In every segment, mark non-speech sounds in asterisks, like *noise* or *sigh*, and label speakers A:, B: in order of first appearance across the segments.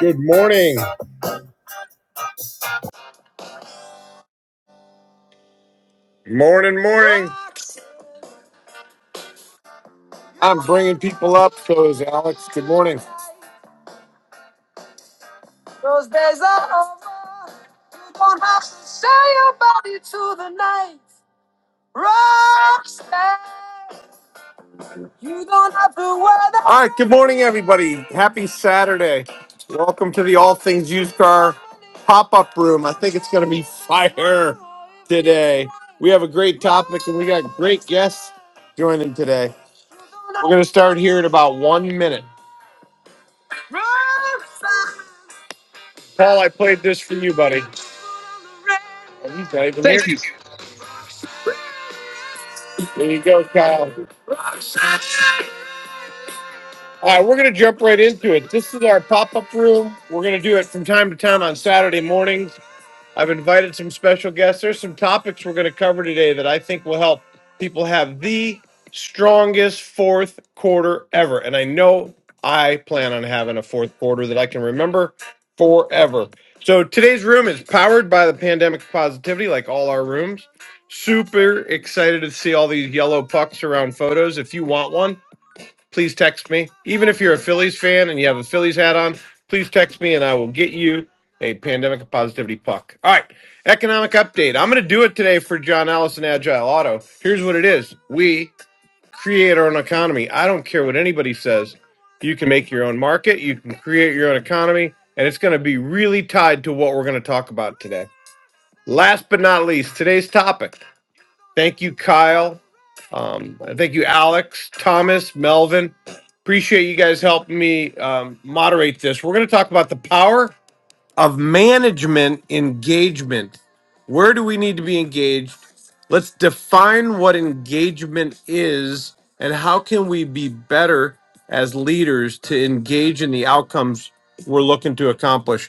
A: Good morning. Morning, morning. I'm bringing people up because Alex, good morning. Those days are over. You don't have to say about you to the night. Rockstar. You don't have to wear the All right, good morning, everybody. Happy Saturday. Welcome to the All Things Used Car pop up room. I think it's going to be fire today. We have a great topic and we got great guests joining today. We're going to start here in about one minute. Paul, I played this for you, buddy. Oh, he's not even here.
B: Thank you.
A: There you go, Kyle. All right, we're going to jump right into it. This is our pop up room. We're going to do it from time to time on Saturday mornings. I've invited some special guests. There's some topics we're going to cover today that I think will help people have the strongest fourth quarter ever. And I know I plan on having a fourth quarter that I can remember forever. So today's room is powered by the pandemic positivity, like all our rooms. Super excited to see all these yellow pucks around photos. If you want one, please text me. Even if you're a Phillies fan and you have a Phillies hat on, please text me and I will get you a pandemic of positivity puck. All right, economic update. I'm going to do it today for John Allison Agile Auto. Here's what it is we create our own economy. I don't care what anybody says. You can make your own market, you can create your own economy, and it's going to be really tied to what we're going to talk about today. Last but not least, today's topic Thank you, Kyle. Um, thank you, Alex, Thomas, Melvin. Appreciate you guys helping me um, moderate this. We're going to talk about the power of management engagement. Where do we need to be engaged? Let's define what engagement is and how can we be better as leaders to engage in the outcomes we're looking to accomplish.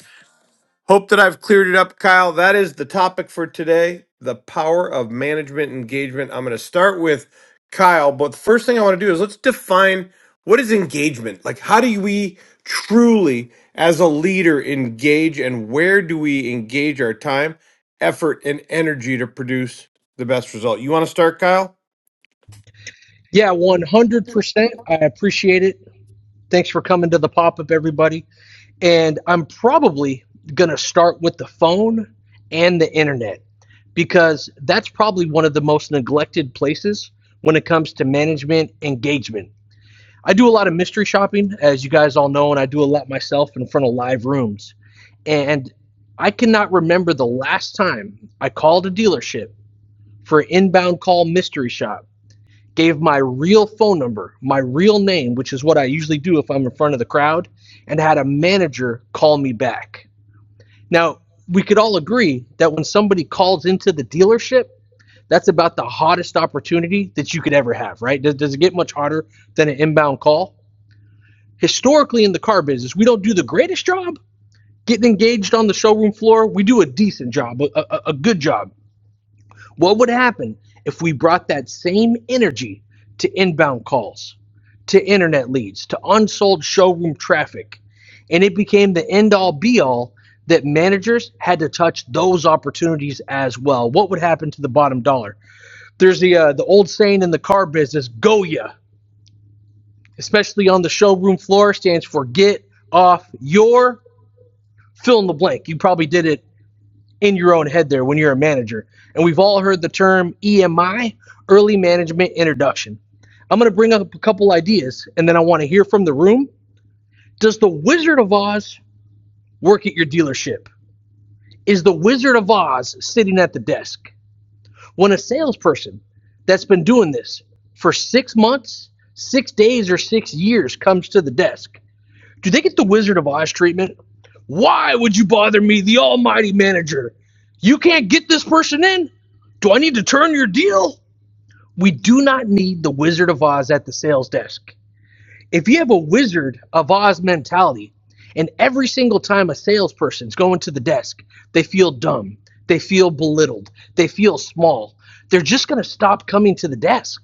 A: Hope that I've cleared it up, Kyle. That is the topic for today the power of management engagement. I'm going to start with Kyle, but the first thing I want to do is let's define what is engagement? Like, how do we truly, as a leader, engage and where do we engage our time, effort, and energy to produce the best result? You want to start, Kyle?
B: Yeah, 100%. I appreciate it. Thanks for coming to the pop up, everybody. And I'm probably going to start with the phone and the internet because that's probably one of the most neglected places when it comes to management engagement. I do a lot of mystery shopping, as you guys all know, and I do a lot myself in front of live rooms. And I cannot remember the last time I called a dealership for an inbound call mystery shop gave my real phone number, my real name, which is what I usually do if I'm in front of the crowd, and had a manager call me back. Now, we could all agree that when somebody calls into the dealership, that's about the hottest opportunity that you could ever have, right? Does, does it get much hotter than an inbound call? Historically, in the car business, we don't do the greatest job getting engaged on the showroom floor. We do a decent job, a, a, a good job what would happen if we brought that same energy to inbound calls, to internet leads, to unsold showroom traffic, and it became the end all be all that managers had to touch those opportunities as well? What would happen to the bottom dollar? There's the uh, the old saying in the car business, "Go ya," especially on the showroom floor, stands for get off your fill in the blank. You probably did it in your own head there when you're a manager. And we've all heard the term EMI, early management introduction. I'm going to bring up a couple ideas and then I want to hear from the room. Does the Wizard of Oz work at your dealership? Is the Wizard of Oz sitting at the desk? When a salesperson that's been doing this for six months, six days, or six years comes to the desk, do they get the Wizard of Oz treatment? Why would you bother me, the almighty manager? You can't get this person in? Do I need to turn your deal? We do not need the Wizard of Oz at the sales desk. If you have a Wizard of Oz mentality, and every single time a salesperson's going to the desk, they feel dumb, they feel belittled, they feel small, they're just going to stop coming to the desk.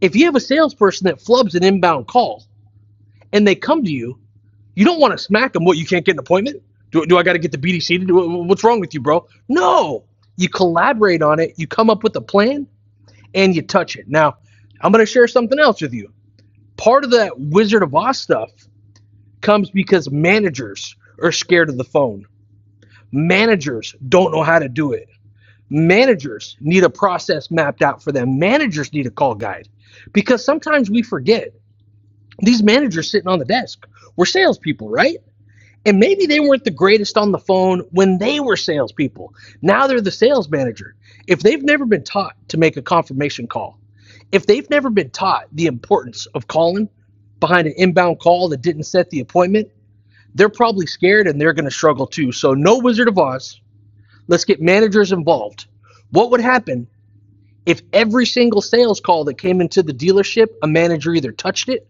B: If you have a salesperson that flubs an inbound call and they come to you you don't want to smack them? What, you can't get an appointment? Do, do I got to get the BDC to do it? What's wrong with you, bro? No. You collaborate on it, you come up with a plan, and you touch it. Now, I'm going to share something else with you. Part of that Wizard of Oz stuff comes because managers are scared of the phone. Managers don't know how to do it. Managers need a process mapped out for them. Managers need a call guide because sometimes we forget these managers sitting on the desk. We're salespeople, right? And maybe they weren't the greatest on the phone when they were salespeople. Now they're the sales manager. If they've never been taught to make a confirmation call, if they've never been taught the importance of calling behind an inbound call that didn't set the appointment, they're probably scared and they're going to struggle too. So, no Wizard of Oz. Let's get managers involved. What would happen if every single sales call that came into the dealership, a manager either touched it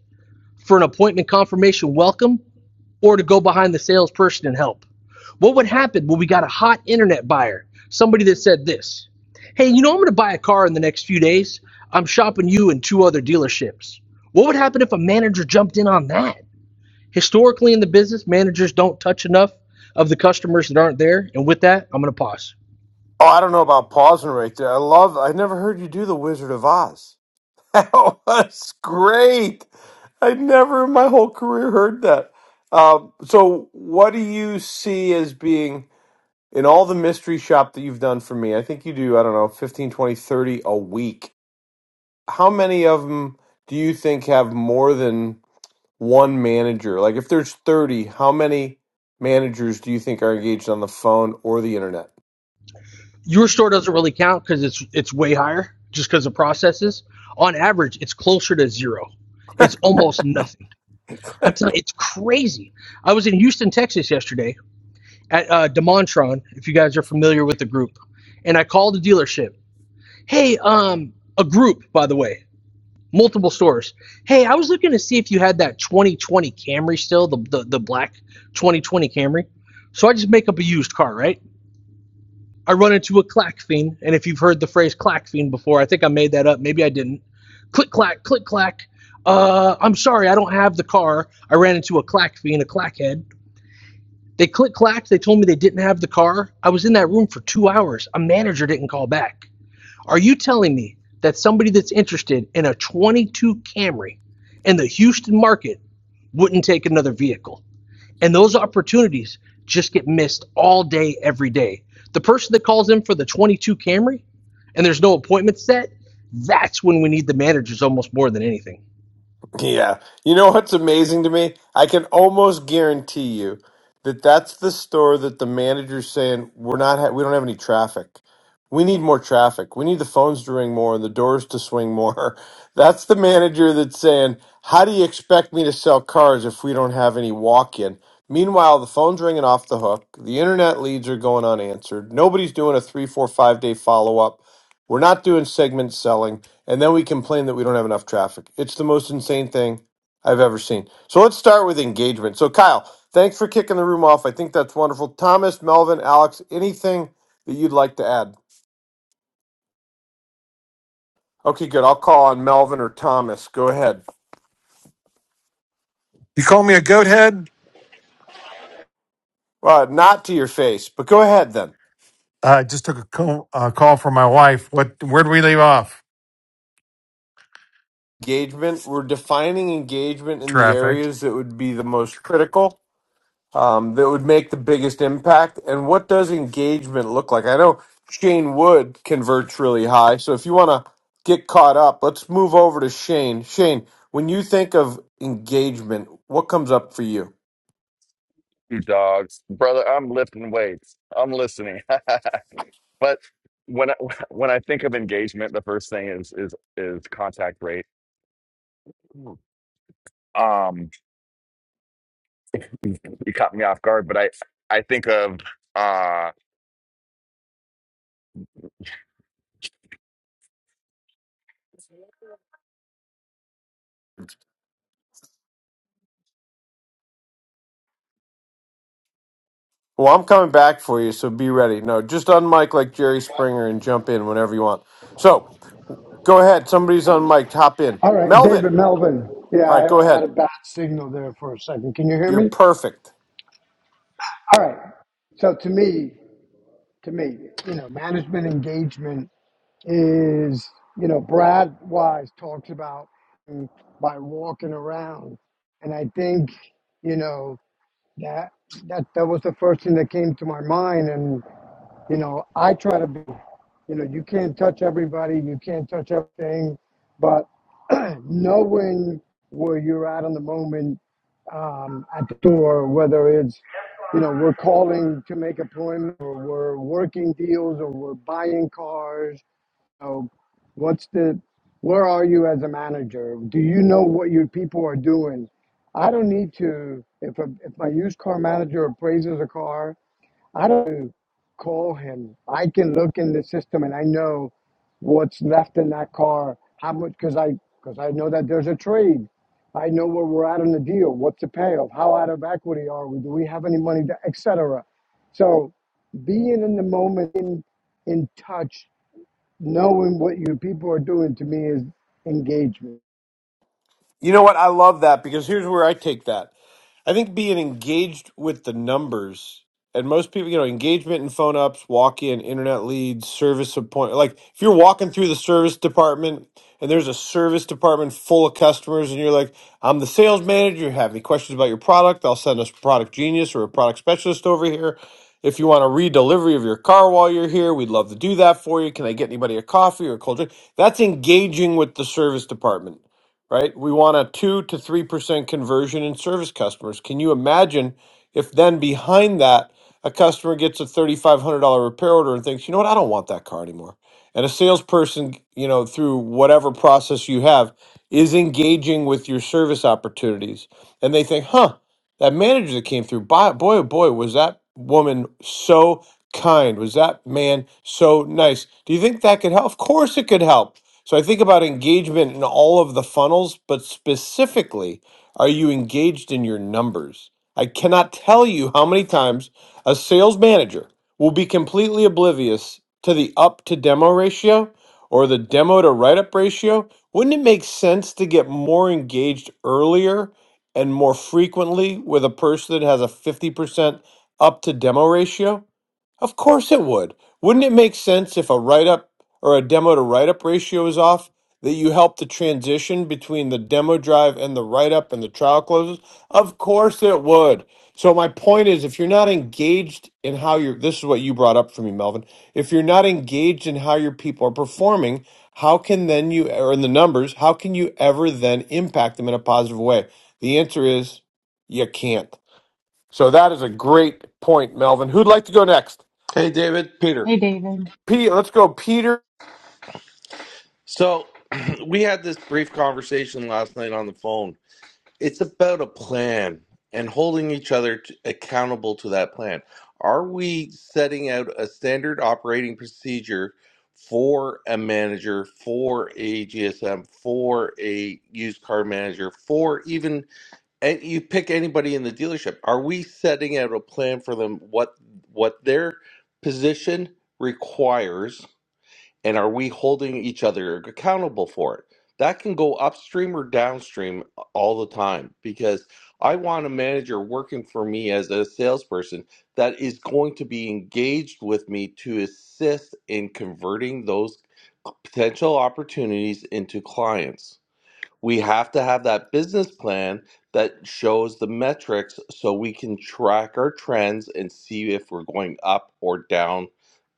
B: for an appointment confirmation welcome or to go behind the salesperson and help? What would happen when we got a hot internet buyer? Somebody that said this Hey, you know, I'm going to buy a car in the next few days. I'm shopping you and two other dealerships. What would happen if a manager jumped in on that? Historically, in the business, managers don't touch enough of the customers that aren't there. And with that, I'm going to pause.
A: Oh, I don't know about pausing right there. I love. I never heard you do the Wizard of Oz. That *laughs* was great. I never in my whole career heard that. Um, so, what do you see as being in all the mystery shop that you've done for me? I think you do, I don't know, 15, 20, 30 a week. How many of them do you think have more than one manager? Like, if there's 30, how many managers do you think are engaged on the phone or the internet?
B: Your store doesn't really count because it's it's way higher just because of processes. On average, it's closer to zero. It's almost nothing. I'm telling you, it's crazy. I was in Houston, Texas yesterday at uh, Demontron, if you guys are familiar with the group. And I called the dealership. Hey, um, a group, by the way, multiple stores. Hey, I was looking to see if you had that 2020 Camry still, the, the, the black 2020 Camry. So I just make up a used car, right? I run into a clack fiend. And if you've heard the phrase clack fiend before, I think I made that up. Maybe I didn't. Click, clack, click, clack. Uh, I'm sorry, I don't have the car. I ran into a clack fiend, a clackhead they click clacked. They told me they didn't have the car. I was in that room for two hours. A manager didn't call back. Are you telling me that somebody that's interested in a 22 Camry in the Houston market wouldn't take another vehicle? And those opportunities just get missed all day, every day. The person that calls in for the 22 Camry and there's no appointment set, that's when we need the managers almost more than anything.
A: Yeah. You know what's amazing to me? I can almost guarantee you that that's the store that the manager's saying, we're not, ha- we don't have any traffic. We need more traffic. We need the phones to ring more and the doors to swing more. *laughs* That's the manager that's saying, how do you expect me to sell cars if we don't have any walk in? Meanwhile, the phone's ringing off the hook. The internet leads are going unanswered. Nobody's doing a three, four, five day follow up. We're not doing segment selling. And then we complain that we don't have enough traffic. It's the most insane thing I've ever seen. So let's start with engagement. So, Kyle, thanks for kicking the room off. I think that's wonderful. Thomas, Melvin, Alex, anything that you'd like to add? Okay, good. I'll call on Melvin or Thomas. Go ahead.
C: You call me a goat head?
A: Uh, not to your face, but go ahead then.
C: I just took a call, uh, call from my wife. What? Where do we leave off?
A: Engagement. We're defining engagement in the
C: Traffic.
A: areas that would be the most critical um, that would make the biggest impact? And what does engagement look like? I know Shane Wood converts really high. So if you want to get caught up, let's move over to Shane. Shane, when you think of engagement, what comes up for you?
D: you dogs, brother. I'm lifting weights. I'm listening. *laughs* but when I, *laughs* when I think of engagement, the first thing is is is contact rate. Um, you caught me off guard, but I I think of uh,
A: Well, I'm coming back for you, so be ready. No, just unmic like Jerry Springer and jump in whenever you want. So go ahead. Somebody's unmiked. Hop in.
E: All right, David
A: Melvin.
E: Melvin. Yeah,
A: All right, go
E: I, I had
A: ahead.
E: a bad signal there for a second. Can you hear
A: You're
E: me?
A: perfect.
E: All right. So to me, to me, you know, management engagement is, you know, Brad Wise talks about mm, by walking around, and I think, you know, that that that was the first thing that came to my mind, and you know, I try to be, you know, you can't touch everybody, you can't touch everything, but *clears throat* knowing where you're at in the moment um, at the door, whether it's, you know, we're calling to make appointment or we're working deals or we're buying cars. So what's the, where are you as a manager? Do you know what your people are doing? I don't need to, if, a, if my used car manager appraises a car I don't call him. I can look in the system and I know what's left in that car. How much? Because I because I know that there's a trade. I know where we're at on the deal. What's the payoff? How out of equity are we? Do we have any money? Etc. So being in the moment, in in touch, knowing what your people are doing to me is engagement.
A: You know what? I love that because here's where I take that. I think being engaged with the numbers and most people, you know, engagement in phone ups, walk in, internet leads, service appointment. Like if you're walking through the service department and there's a service department full of customers and you're like, I'm the sales manager. You have any questions about your product? I'll send a product genius or a product specialist over here. If you want a re-delivery of your car while you're here, we'd love to do that for you. Can I get anybody a coffee or a cold drink? That's engaging with the service department right? We want a 2 to 3% conversion in service customers. Can you imagine if then behind that, a customer gets a $3,500 repair order and thinks, you know what, I don't want that car anymore. And a salesperson, you know, through whatever process you have, is engaging with your service opportunities. And they think, huh, that manager that came through, boy, boy, oh boy, was that woman so kind? Was that man so nice? Do you think that could help? Of course it could help. So I think about engagement in all of the funnels, but specifically, are you engaged in your numbers? I cannot tell you how many times a sales manager will be completely oblivious to the up to demo ratio or the demo to write up ratio. Wouldn't it make sense to get more engaged earlier and more frequently with a person that has a 50% up to demo ratio? Of course it would. Wouldn't it make sense if a write up or a demo to write up ratio is off that you help the transition between the demo drive and the write up and the trial closes? Of course it would. So my point is if you're not engaged in how your this is what you brought up for me, Melvin. If you're not engaged in how your people are performing, how can then you or in the numbers, how can you ever then impact them in a positive way? The answer is you can't. So that is a great point, Melvin. Who'd like to go next?
F: Hey, David, Peter.
G: Hey, David.
A: Pete, let's go, Peter.
F: So *clears throat* we had this brief conversation last night on the phone. It's about a plan and holding each other t accountable to that plan. Are we setting out a standard operating procedure for a manager, for a GSM, for a used car manager, for even and you pick anybody in the dealership? Are we setting out a plan for them what what their position requires? and are we holding each other accountable for it that can go upstream or downstream all the time because i want a manager working for me as a salesperson that is going to be engaged with me to assist in converting those potential opportunities into clients we have to have that business plan that shows the metrics so we can track our trends and see if we're going up or down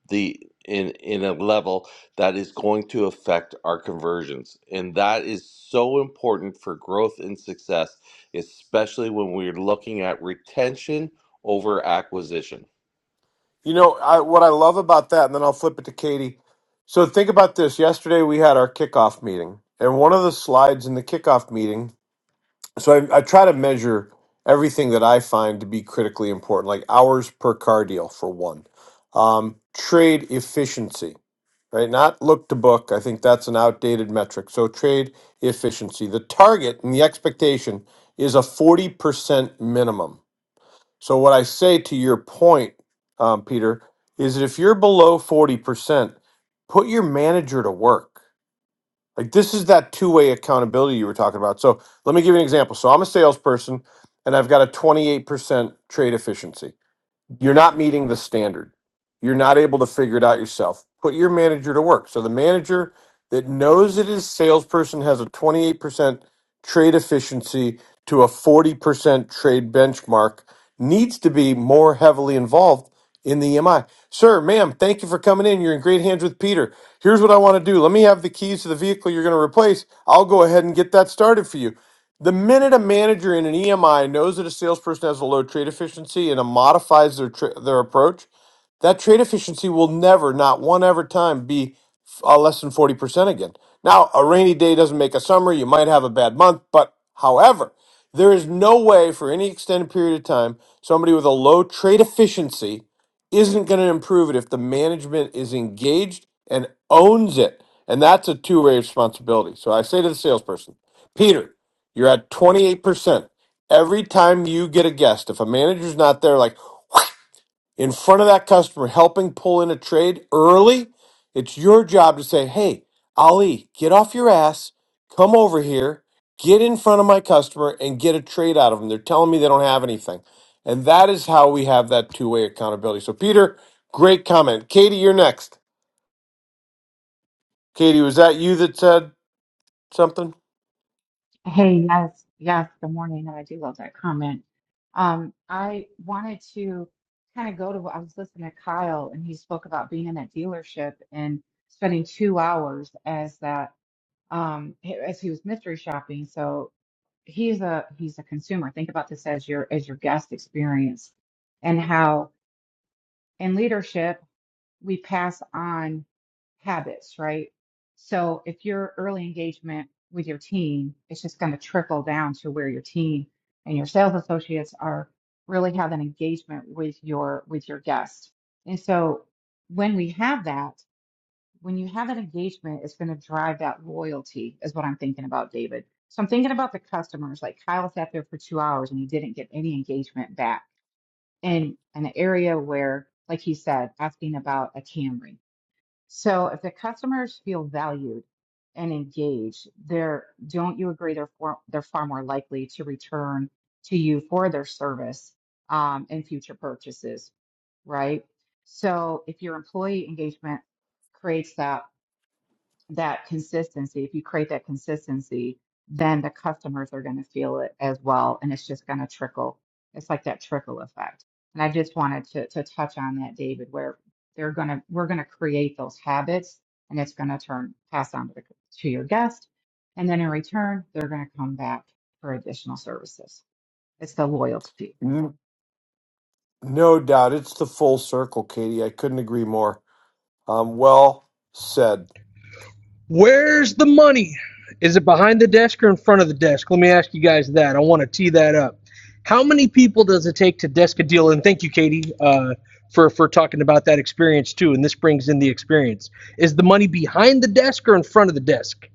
F: the in in a level that is going to affect our conversions and that is so important for growth and success especially when we're looking at retention over acquisition
A: You know I, what I love about that, and then I'll flip it to Katie. So think about this. Yesterday we had our kickoff meeting, and one of the slides in the kickoff meeting. So I, I try to measure everything that I find to be critically important, like hours per car deal for one, um, trade efficiency, right? Not look to book. I think that's an outdated metric. So trade efficiency. The target and the expectation is a forty percent minimum So what I say to your point, um, Peter, is that if you're below forty percent, put your manager to work. Like this is that two-way accountability you were talking about. So let me give you an example. So I'm a salesperson, and I've got a twenty-eight percent trade efficiency you're not meeting the standard. You're not able to figure it out yourself. Put your manager to work. So the manager that knows that his salesperson has a 28% trade efficiency to a 40% trade benchmark needs to be more heavily involved in the EMI. Sir, ma'am, thank you for coming in. You're in great hands with Peter. Here's what I want to do. Let me have the keys to the vehicle you're going to replace. I'll go ahead and get that started for you. The minute a manager in an EMI knows that a salesperson has a low trade efficiency and it modifies their tra- their approach, that trade efficiency will never, not one ever time, be uh, less than forty percent again. Now, a rainy day doesn't make a summer. You might have a bad month, but however, there is no way for any extended period of time somebody with a low trade efficiency isn't going to improve it if the management is engaged and owns it. And that's a two way responsibility. So I say to the salesperson, Peter. You're at 28%. Every time you get a guest, if a manager's not there, like *sniffs* in front of that customer, helping pull in a trade early, it's your job to say, hey, Ali, get off your ass, come over here, get in front of my customer, and get a trade out of them. They're telling me they don't have anything. And that is how we have that two way accountability. So, Peter, great comment. Katie, you're next. Katie, was that you that said something?
G: Hey, yes, yes, good morning. And I do love that comment. Um, I wanted to kind of go to, I was listening to Kyle and he spoke about being in that dealership and spending two hours as that, um, as he was mystery shopping. So he's a, he's a consumer. Think about this as your, as your guest experience and how in leadership we pass on habits, right? So if your early engagement with your team, it's just going to trickle down to where your team and your sales associates are really have an engagement with your with your guests. And so when we have that, when you have an engagement, it's going to drive that loyalty is what I'm thinking about, David. So I'm thinking about the customers, like Kyle sat there for two hours and he didn't get any engagement back in an area where, like he said, asking about a Camry. So if the customers feel valued and engaged, they're, don't you agree they're for, they're far more likely to return to you for their service um, in future purchases, right? So if your employee engagement creates that that consistency, if you create that consistency, then the customers are going to feel it as well. And it's just going to trickle. It's like that trickle effect. And I just wanted to, to touch on that, David, where they're going to, we're going to create those habits and it's going to turn, pass on to, the, to your guest. And then in return, they're going to come back for additional services. It's the loyalty.
A: N- No doubt. It's the full circle, Katie. I couldn't agree more. Um, well said.
B: Where's the money? Is it behind the desk or in front of the desk? Let me ask you guys that. I want to tee that up. How many people does it take to desk a deal? And thank you, Katie, uh, for for talking about that experience too. And this brings in the experience. Is the money behind the desk or in front of the desk?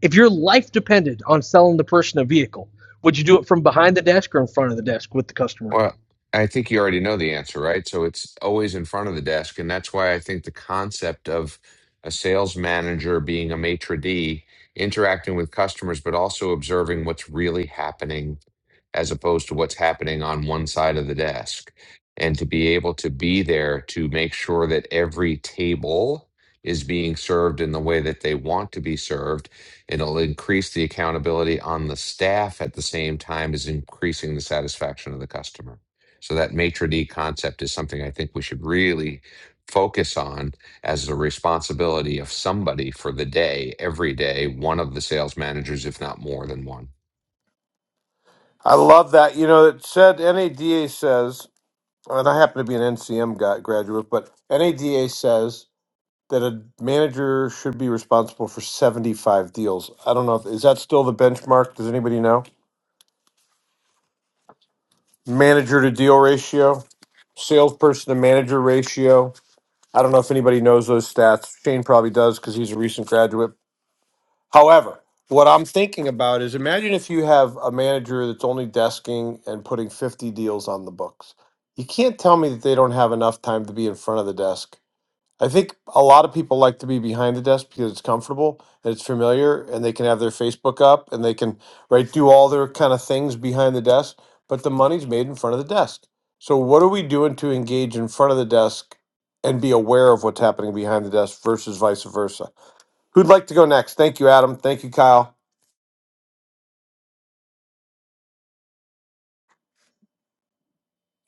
B: If your life depended on selling the person a vehicle, would you do it from behind the desk or in front of the desk with the customer?
H: Well, I think you already know the answer, right? So it's always in front of the desk. And that's why I think the concept of a sales manager being a maitre d, interacting with customers, but also observing what's really happening as opposed to what's happening on one side of the desk. And to be able to be there to make sure that every table is being served in the way that they want to be served It'll increase the accountability on the staff at the same time as increasing the satisfaction of the customer. So that maitre d concept is something I think we should really focus on as the responsibility of somebody for the day, every day, one of the sales managers, if not more than one.
A: I love that. You know, it said NADA says, and I happen to be an NCM guy, graduate, but NADA says that a manager should be responsible for 75 deals. I don't know. If, is that still the benchmark? Does anybody know? Manager to deal ratio, salesperson to manager ratio. I don't know if anybody knows those stats. Shane probably does because he's a recent graduate. However, what I'm thinking about is imagine if you have a manager that's only desking and putting 50 deals on the books. You can't tell me that they don't have enough time to be in front of the desk. I think a lot of people like to be behind the desk because it's comfortable and it's familiar and they can have their Facebook up and they can right do all their kind of things behind the desk, but the money's made in front of the desk. So what are we doing to engage in front of the desk and be aware of what's happening behind the desk versus vice versa? Who'd like to go next? Thank you, Adam. Thank you, Kyle.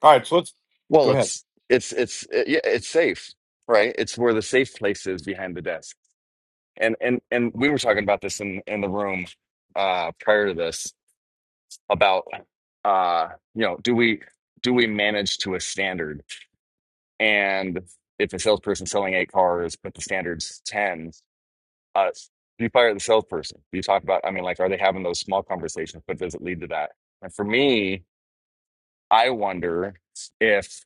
A: All right, so let's
D: well,
A: go ahead.
D: it's it's it's it, yeah, it's safe, right? It's where the safe place is behind the desk. And and and we were talking about this in in the room uh, prior to this about uh, you know, do we do we manage to a standard? and if a salesperson selling eight cars but the standard's 10 uh do you fire the salesperson do you talk about i mean like are they having those small conversations but does it lead to that and for me i wonder if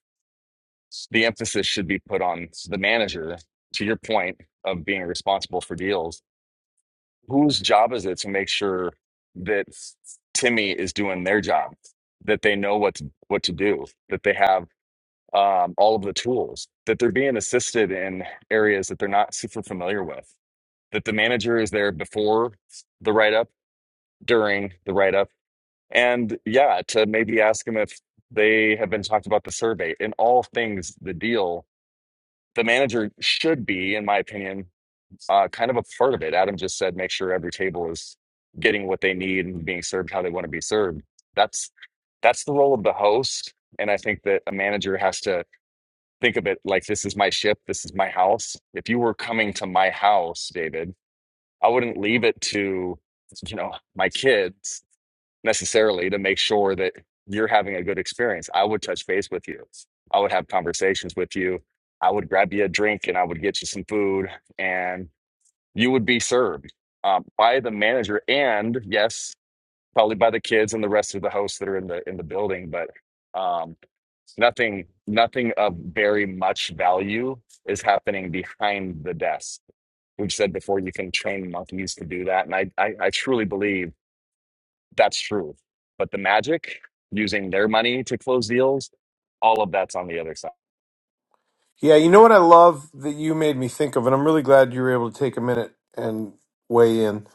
D: the emphasis should be put on the manager to your point of being responsible for deals whose job is it to make sure that timmy is doing their job that they know what to, what to do that they have um, all of the tools, that they're being assisted in areas that they're not super familiar with, that the manager is there before the write up, during the write up, and yeah, to maybe ask them if they have been talked about the survey in all things the deal. The manager should be, in my opinion, uh, kind of a part of it. Adam just said, make sure every table is getting what they need and being served how they want to be served. That's that's the role of the host, and I think that a manager has to think of it like this is my ship, this is my house. If you were coming to my house, David, I wouldn't leave it to, you know, my kids necessarily to make sure that you're having a good experience. I would touch base with you. I would have conversations with you. I would grab you a drink and I would get you some food and you would be served um, by the manager. And yes, probably by the kids and the rest of the hosts that are in the in the building but um nothing nothing of very much value is happening behind the desk we've said before you can train monkeys to do that and i i, I truly believe that's true but the magic using their money to close deals all of that's on the other side
A: Yeah, you know what I love that you made me think of, and I'm really glad you were able to take a minute and weigh in.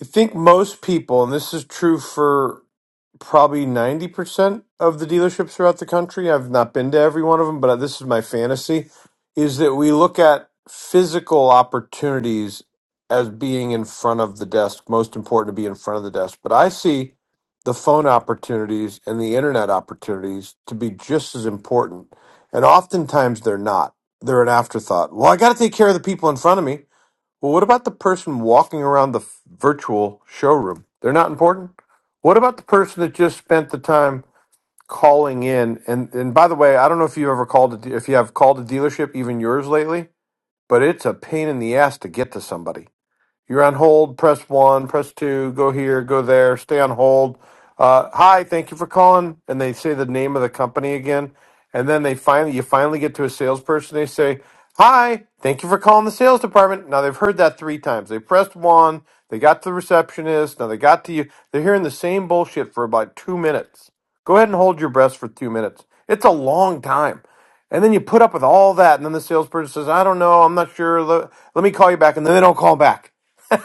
A: I think most people, and this is true for probably 90% of the dealerships throughout the country. I've not been to every one of them, but this is my fantasy is that we look at physical opportunities as being in front of the desk, most important to be in front of the desk. But I see the phone opportunities and the internet opportunities to be just as important. And oftentimes they're not. They're an afterthought. Well, I got to take care of the people in front of me. Well, what about the person walking around the f- virtual showroom? They're not important. What about the person that just spent the time calling in? And and by the way, I don't know if you ever called a de- if you have called a dealership, even yours lately, but it's a pain in the ass to get to somebody. You're on hold. Press one. Press two. Go here. Go there. Stay on hold. Uh, Hi, thank you for calling. And they say the name of the company again. And then they finally, you finally get to a salesperson. They say, "Hi, thank you for calling the sales department." Now they've heard that three times. They pressed one. They got to the receptionist. Now they got to you. They're hearing the same bullshit for about two minutes. Go ahead and hold your breath for two minutes. It's a long time. And then you put up with all that, and then the salesperson says, "I don't know, I'm not sure. le- Let me call you back," and then they don't call back.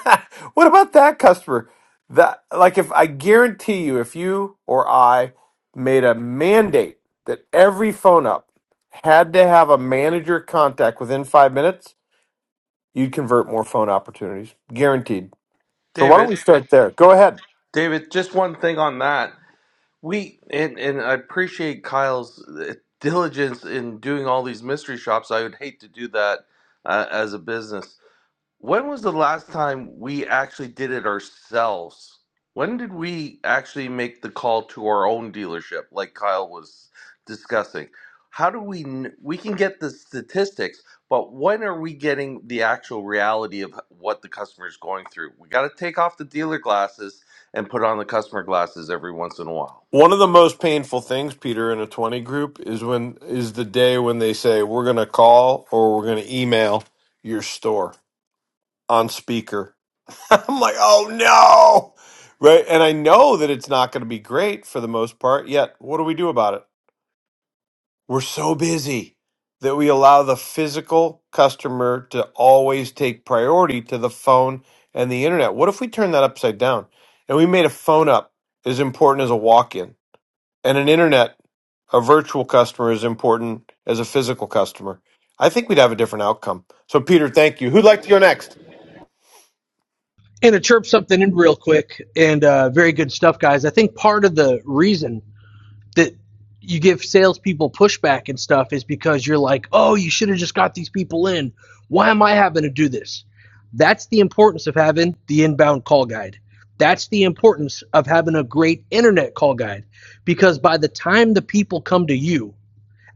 A: *laughs* what about that customer? That like if I guarantee you, if you or I made a mandate that every phone up had to have a manager contact within five minutes, you'd convert more phone opportunities, guaranteed. So why don't
F: david
A: we start there? Go ahead.
F: david just one thing on that we and and i appreciate kyle's uh, diligence in doing all these mystery shops i would hate to do that uh, as a business When was the last time we actually did it ourselves? When did we actually make the call to our own dealership, like Kyle was discussing? How do we, kn- we can get the statistics, but when are we getting the actual reality of what the customer is going through? We got to take off the dealer glasses and put on the customer glasses every once in a while.
A: One of the most painful things, Peter, in a twenty group is when is the day when they say we're going to call or we're going to email your store on speaker *laughs* I'm like, oh no. Right. And I know that it's not going to be great for the most part. Yet, what do we do about it? We're so busy that we allow the physical customer to always take priority to the phone and the internet. What if we turn that upside down and we made a phone up as important as a walk in and an internet, a virtual customer, as important as a physical customer? I think we'd have a different outcome. So, Peter, thank you. Who'd like to go next?
B: And to chirp something in real quick, and uh, very good stuff, guys. I think part of the reason that you give salespeople pushback and stuff is because you're like, oh, you should have just got these people in. Why am I having to do this? That's the importance of having the inbound call guide. That's the importance of having a great internet call guide because by the time the people come to you,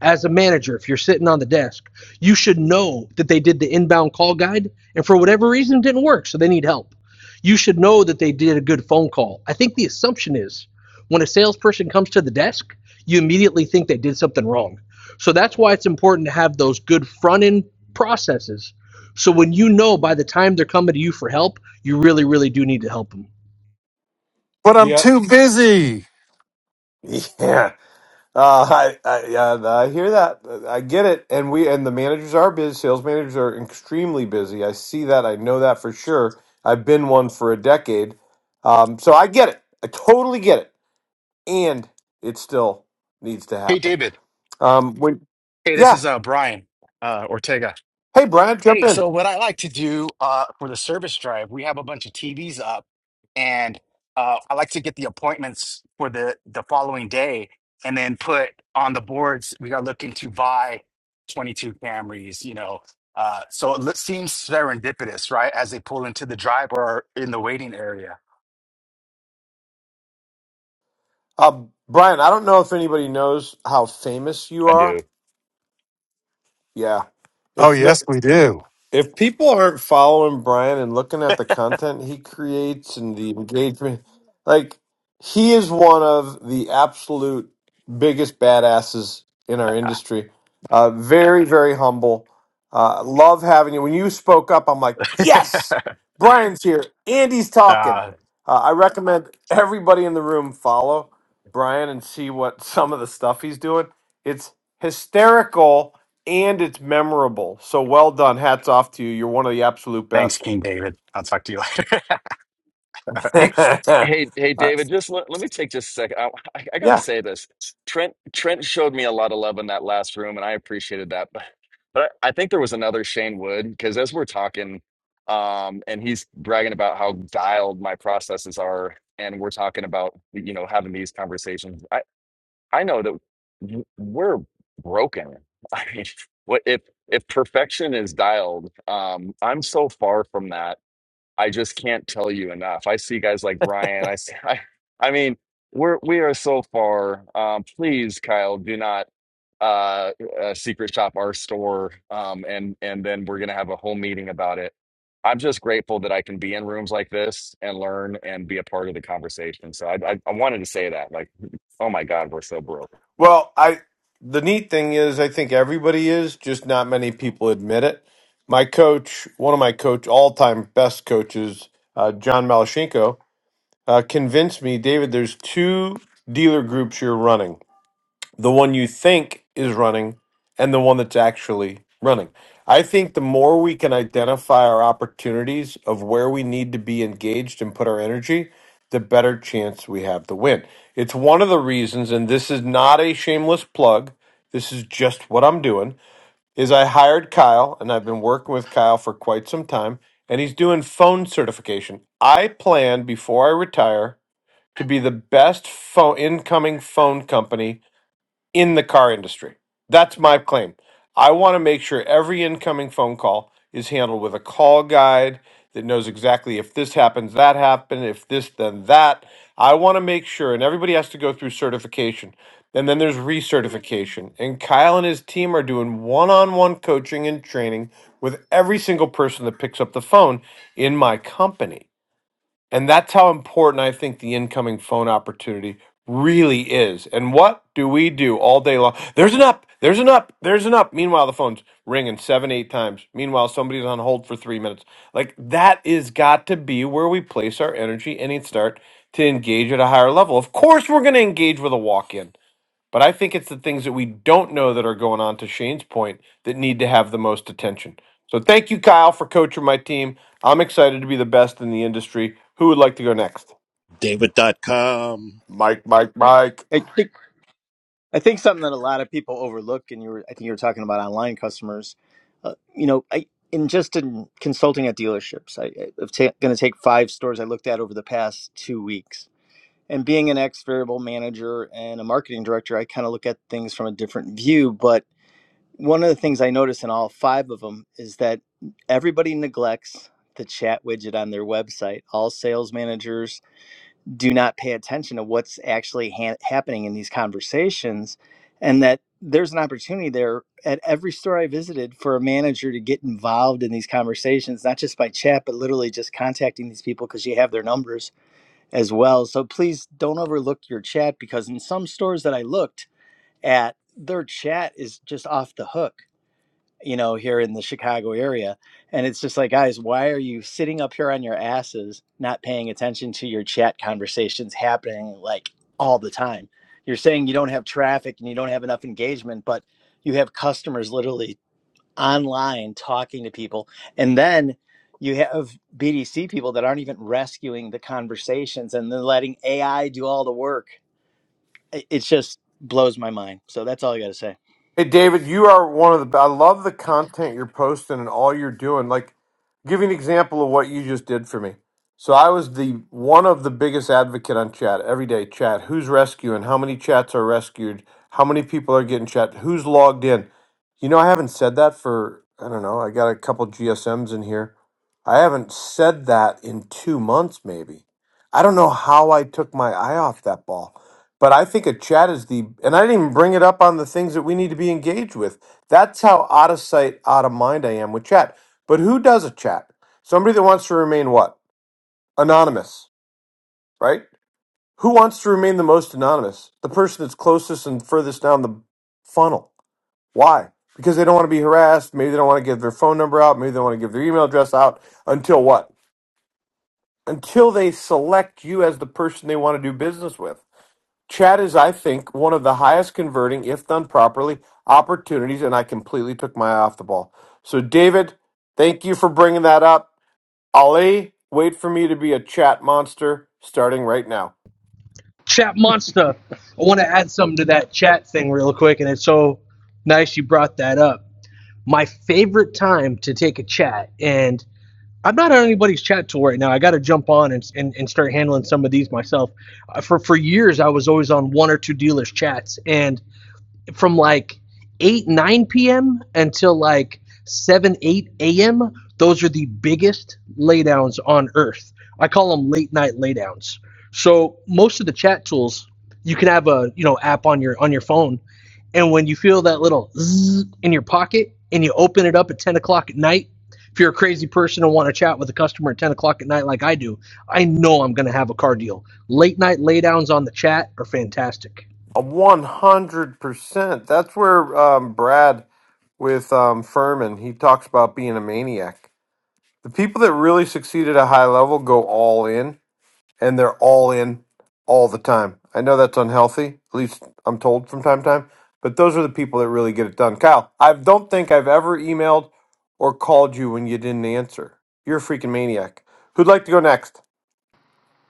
B: as a manager, if you're sitting on the desk, you should know that they did the inbound call guide and for whatever reason it didn't work, so they need help. You should know that they did a good phone call. I think the assumption is when a salesperson comes to the desk, you immediately think they did something wrong. So that's why it's important to have those good front end processes. So when you know by the time they're coming to you for help, you really, really do need to help them.
C: But I'm
A: Yeah,
C: too busy.
A: *laughs* Yeah. Uh, I, I, I, I hear that. I get it. And we and the managers are busy. Sales managers are extremely busy. I see that. I know that for sure. I've been one for a decade. Um, so I get it. I totally get it. And it still needs to
I: Hey,
A: happen.
I: David.
A: Um, when
I: Hey, this
A: yeah.
I: is uh, Brian uh, Ortega.
A: Hey, Brian, jump
I: Hey,
A: in.
I: so what I like to do uh, for the service drive, we have a bunch of TVs up, and uh, I like to get the appointments for the the following day, and then put on the boards. We are looking to buy twenty two Camrys. You know, uh, so it seems serendipitous, right? As they pull into the drive or in the waiting area.
A: Uh, Brian, I don't know if anybody knows how famous you
D: i
A: are.
D: do
A: Yeah.
C: Oh
A: If no,
C: yes, we do.
A: If people aren't following Brian and looking at the content he creates and the engagement, like he is one of the absolute biggest badasses in our industry. Uh, very, very humble. Uh, love having you. When you spoke up, I'm like,
I: *laughs*
A: yes, Brian's here. Andy's talking.
I: uh,
A: Uh, I recommend everybody in the room follow Brian and see what some of the stuff he's doing. It's hysterical and it's memorable. So well done. Hats off to you. You're one of the absolute
I: thanks,
A: best.
I: King David. I'll talk to you later.
D: Hey,
A: *laughs*
D: hey, hey,
A: Uh,
D: David, just let, let me take just a second. I, I, I gotta
A: yeah.
D: say this. Trent Trent showed me a lot of love in that last room, and I appreciated that. But but I, I think there was another Shane Wood because as we're talking, um, and he's bragging about how dialed my processes are, and we're talking about you know having these conversations. I I know that w- we're broken. *laughs* I mean, what if if perfection is dialed? Um, I'm so far from that I just can't tell you enough. I see guys like Brian. I see, *laughs* I, I mean, we're we are so far. Um, please, Kyle, do not uh, uh secret shop our store. Um, and and then we're gonna have a whole meeting about it. I'm just grateful that I can be in rooms like this and learn and be a part of the conversation. So I I, I wanted to say that. Like, oh my God, we're so broke.
A: Well, I the neat thing is I think everybody is, just not many people admit it. My coach, one of my coach, all-time best coaches, uh, John Malashenko, uh, convinced me, David, there's two dealer groups you're running. the one you think is running and the one that's actually running. I think the more we can identify our opportunities of where we need to be engaged and put our energy, the better chance we have to win. It's one of the reasons, and this is not a shameless plug, this is just what I'm doing, is I hired Kyle and I've been working with Kyle for quite some time and he's doing phone certification. I plan before I retire to be the best phone incoming phone company in the car industry. That's my claim. I want to make sure every incoming phone call is handled with a call guide that knows exactly if this happens, that happened, if this, then that. I want to make sure, and everybody has to go through certification. And then there's recertification. And Kyle and his team are doing one on one coaching and training with every single person that picks up the phone in my company. And that's how important I think the incoming phone opportunity really is. And what do we do all day long? There's an up, there's an up, there's an up. Meanwhile, the phone's ringing seven, eight times. Meanwhile, somebody's on hold for three minutes. Like that is got to be where we place our energy and it start to engage at a higher level. Of course, we're going to engage with a walk in. But I think it's the things that we don't know that are going on, to Shane's point, that need to have the most attention. So thank you, Kyle, for coaching my team. I'm excited to be the best in the industry. Who would like to go next?
J: David dot com.
A: Mike, Mike, Mike.
K: I think I think something that a lot of people overlook, and you were I think you were talking about online customers. Uh, you know, I in just in consulting at dealerships, I, I'm ta- going to take five stores I looked at over the past two weeks. And being an ex variable manager and a marketing director, I kind of look at things from a different view. But one of the things I notice in all five of them is that everybody neglects the chat widget on their website. All sales managers, do not pay attention to what's actually ha- happening in these conversations and that there's an opportunity there at every store i visited for a manager to get involved in these conversations not just by chat but literally just contacting these people because you have their numbers as well so please don't overlook your chat because in some stores that i looked at their chat is just off the hook you know, here in the Chicago area. And it's just like, guys, why are you sitting up here on your asses, not paying attention to your chat conversations happening like all the time? You're saying you don't have traffic and you don't have enough engagement, but you have customers literally online talking to people. And then you have BDC people that aren't even rescuing the conversations and then letting AI do all the work. It, it just blows my mind. So that's all I got to say.
A: Hey David, you are one of the. I love the content you're posting and all you're doing. Like, give you an example of what you just did for me. So I was the one of the biggest advocate on chat every day. Chat, who's rescuing? How many chats are rescued? How many people are getting chat? Who's logged in? You know, I haven't said that for I don't know. I got a couple GSMs in here. I haven't said that in two months, maybe. I don't know how I took my eye off that ball. But I think a chat is the, and I didn't even bring it up on the things that we need to be engaged with. That's how out of sight, out of mind I am with chat. But who does a chat? Somebody that wants to remain what? Anonymous, right? Who wants to remain the most anonymous? The person that's closest and furthest down the funnel. Why? Because they don't want to be harassed. Maybe they don't want to give their phone number out. Maybe they don't want to give their email address out until what? Until they select you as the person they want to do business with. Chat is, I think, one of the highest converting, if done properly, opportunities, and I completely took my eye off the ball. So, David, thank you for bringing that up. Ali, wait for me to be a chat monster starting right now.
B: Chat Monster, I want to add something to that chat thing real quick, and it's so nice you brought that up my favorite time to take a chat. And I'm not on anybody's chat tool right now. I got to jump on and, and, and start handling some of these myself. Uh, for for years, I was always on one or two dealers' chats, and from like 8, 9 p.m. until like 7, 8 a.m., those are the biggest laydowns on earth. I call them late night laydowns. So most of the chat tools, you can have a you know app on your on your phone, and when you feel that little zzz in your pocket and you open it up at 10 o'clock at night, if you're a crazy person and want to chat with a customer at 10 o'clock at night like I do, I know I'm going to have a car deal. Late night laydowns on the chat are fantastic.
A: A 100%. That's where um, Brad with um, Furman, he talks about being a maniac. The people that really succeed at a high level go all in and they're all in all the time. I know that's unhealthy, at least I'm told from time to time, but those are the people that really get it done. Kyle, I don't think I've ever emailed or called you when you didn't answer. You're a freaking maniac. Who'd like to go next?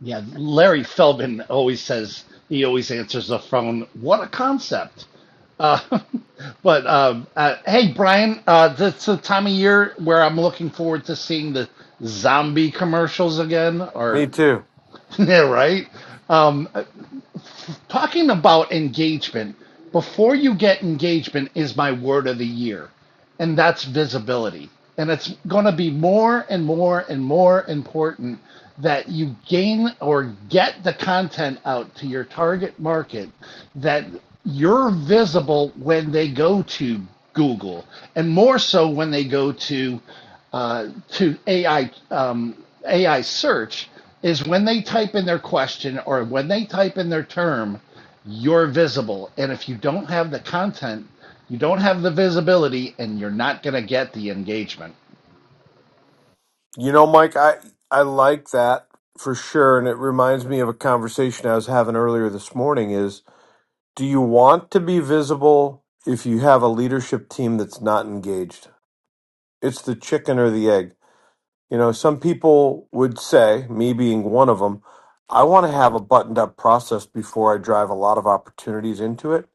J: Yeah, Larry Feldman always says he always answers the phone. What a concept! Uh, *laughs* but um, uh, hey, Brian, uh, that's the time of year where I'm looking forward to seeing the zombie commercials again.
A: Me
J: Or
A: too.
J: *laughs* yeah, right. Um, uh, talking about engagement, before you get engagement is my word of the year. and that's visibility. And it's going to be more and more and more important that you gain or get the content out to your target market that you're visible when they go to Google, and more so when they go to uh, to AI um, AI search is when they type in their question or when they type in their term, you're visible. And if you don't have the content you don't have the visibility and you're not going to get the engagement
A: You know, Mike, I I like that for sure and it reminds me of a conversation I was having earlier this morning is do you want to be visible if you have a leadership team that's not engaged? It's the chicken or the egg You know, some people would say, me being one of them, I want to have a buttoned up process before I drive a lot of opportunities into it.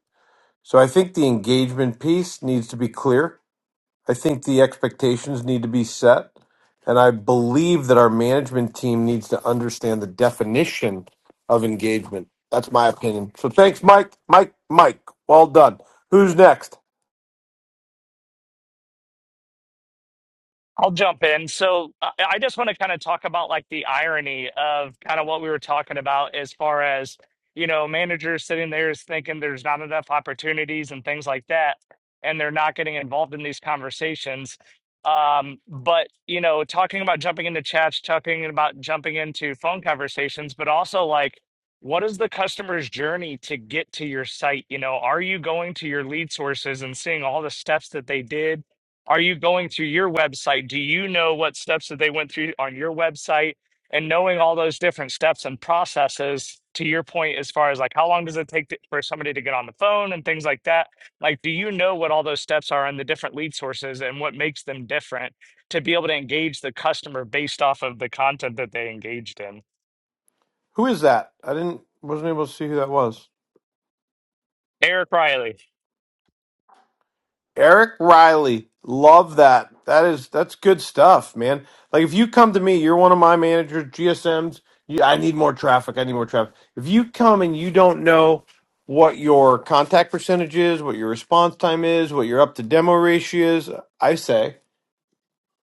A: So I think the engagement piece needs to be clear. I think the expectations need to be set. And I believe that our management team needs to understand the definition of engagement. That's my opinion. So thanks, Mike. Mike, Mike, well done. Who's next?
L: I'll jump in. So I I just want to kind of talk about like the irony of kind of what we were talking about as far as, you know, managers sitting there is thinking there's not enough opportunities and things like that, and they're not getting involved in these conversations. Um, but you know, talking about jumping into chats, talking about jumping into phone conversations, but also like what is the customer's journey to get to your site? You know, are you going to your lead sources and seeing all the steps that they did? Are you going to your website? Do you know what steps that they went through on your website? And knowing all those different steps and processes, to your point, as far as like how long does it take to, for somebody to get on the phone and things like that? Like, do you know what all those steps are and the different lead sources and what makes them different to be able to engage the customer based off of the content that they engaged in?
A: Who is that? I didn't wasn't able to see who that was.
L: Eric Riley,
A: Eric Riley, love that. That is that's good stuff, man. Like if you come to me, you're one of my managers, GSMs. You, I need more traffic. I need more traffic. If you come and you don't know what your contact percentage is, what your response time is, what your up to demo ratio is, I say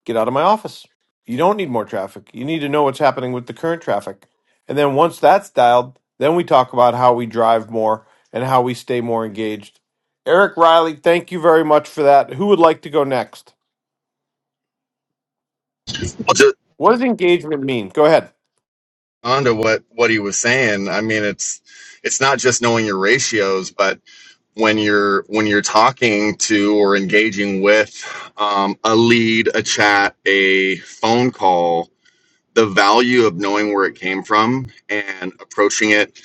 A: get out of my office. You don't need more traffic. You need to know what's happening with the current traffic. And then once that's dialed, then we talk about how we drive more and how we stay more engaged. Eric Riley, thank you very much for that. Who would like to go next?
D: Well, just
A: What does engagement mean? Go ahead.
D: onto what what he was saying. I mean, it's it's not just knowing your ratios, but when you're when you're talking to or engaging with um, a lead a chat a phone call the value of knowing where it came from and approaching it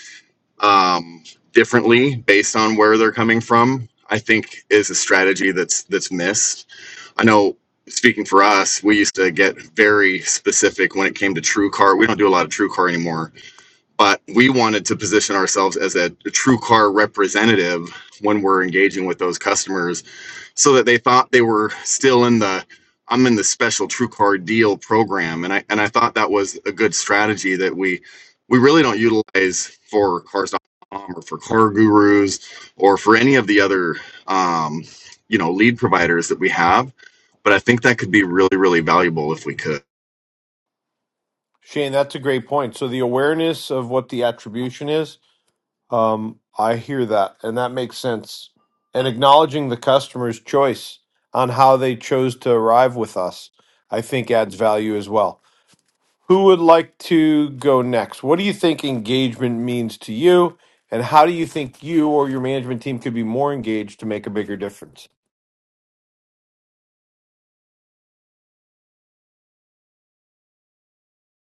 D: um, differently based on where they're coming from i think is a strategy that's that's missed i know speaking for us we used to get very specific when it came to TrueCar. we don't do a lot of TrueCar anymore but we wanted to position ourselves as a, a true car representative when we're engaging with those customers so that they thought they were still in the I'm in the special true car deal program and I and I thought that was a good strategy that we we really don't utilize for cars.com or for car gurus or for any of the other um, you know lead providers that we have but I think that could be really really valuable if we could
A: Shane, that's a great point. So the awareness of what the attribution is, um, I hear that, and that makes sense. And acknowledging the customer's choice on how they chose to arrive with us, I think adds value as well. Who would like to go next? What do you think engagement means to you? And how do you think you or your management team could be more engaged to make a bigger difference?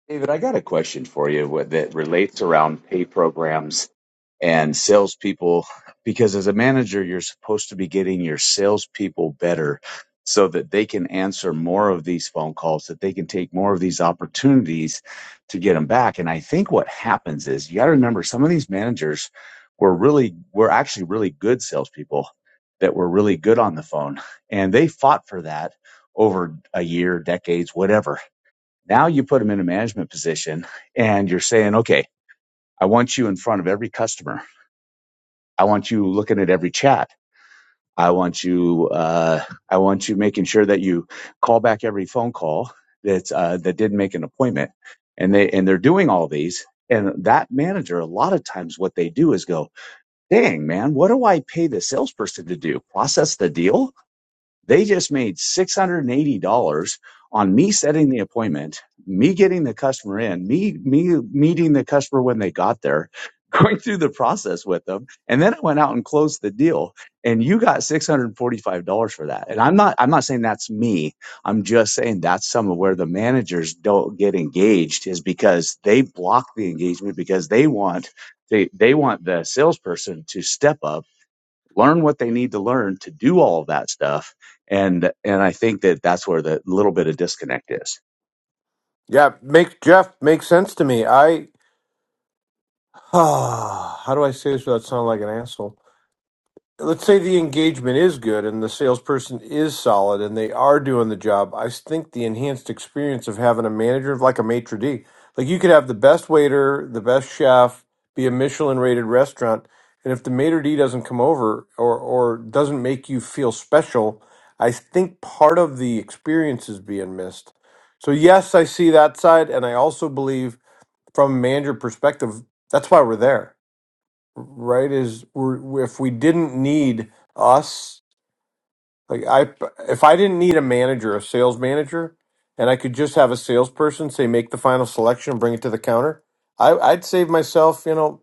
M: David, I got a question for you with- that relates around pay programs and salespeople, because as a manager, you're supposed to be getting your salespeople better so that they can answer more of these phone calls, that they can take more of these opportunities to get them back. And I think what happens is you got to remember some of these managers were really, were actually really good salespeople that were really good on the phone and they fought for that over a year, decades, whatever now you put them in a management position and you're saying, okay, I want you in front of every customer. I want you looking at every chat. I want you, uh, I want you making sure that you call back every phone call that, uh, that did not make an appointment. And they, and they're doing all these. And that manager, a lot of times what they do is go, dang, man, what do I pay the salesperson to do? Process the deal? They just made $680 on me setting the appointment, me getting the customer in, me, me meeting the customer when they got there, *laughs* going through the process with them. And then I went out and closed the deal and you got $645 for that. And I'm not, I'm not saying that's me. I'm just saying that's some of where the managers don't get engaged is because they block the engagement because they want, they, they want the salesperson to step up learn what they need to learn to do all of that stuff and and i think that that's where the little bit of disconnect is
A: Yeah, make Jeff make sense to me. I *sighs* how do I say this without sounding like an asshole? let's say the engagement is good and the salesperson is solid and they are doing the job, I think the enhanced experience of having a manager like a maitre d, like you could have the best waiter, the best chef, be a Michelin rated restaurant, and if the maitre d doesn't come over or or doesn't make you feel special, I think part of the experience is being missed. So yes, I see that side, and I also believe from a manager perspective, that's why we're there right is we're, if we didn't need us like i if i didn't need a manager a sales manager and i could just have a salesperson say make the final selection and bring it to the counter I, i'd save myself you know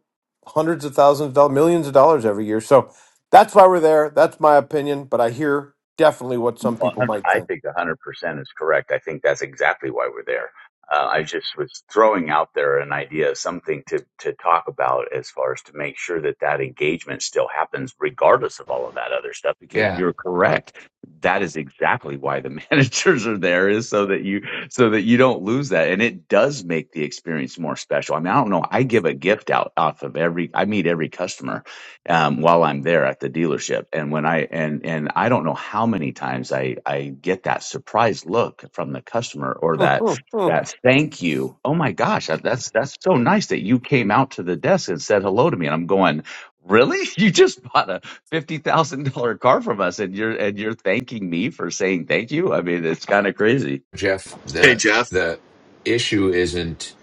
A: hundreds of thousands of dollars millions of dollars every year so that's why we're there that's my opinion but i hear definitely what some
M: Well,
A: people
M: hun-
A: might
M: I
A: think
M: think 100% is correct. I think that's exactly why we're there. Uh, I just was throwing out there an idea something to, to talk about as far as to make sure that that engagement still happens regardless of all of that other stuff, because
H: Yeah.
M: you're correct. That is exactly why the *laughs* managers are there is so that you, so that you don't lose that. And it does make the experience more special. I mean, I don't know. I give a gift out off of every, I meet every customer um, while I'm there at the dealership. And when I and and I don't know how many times I I get that surprised look from the customer or
A: *laughs*
M: that
A: i
M: that thank you. Oh my gosh, that- that's that's so nice that you came out to the desk and said hello to me. And I'm going, really? *laughs* You just bought a fifty thousand dollar car from us, and you're and you're thanking me for saying thank you. I mean, it's kind of crazy.
H: Jeff,
D: hey
H: the
D: Jeff
H: the issue isn't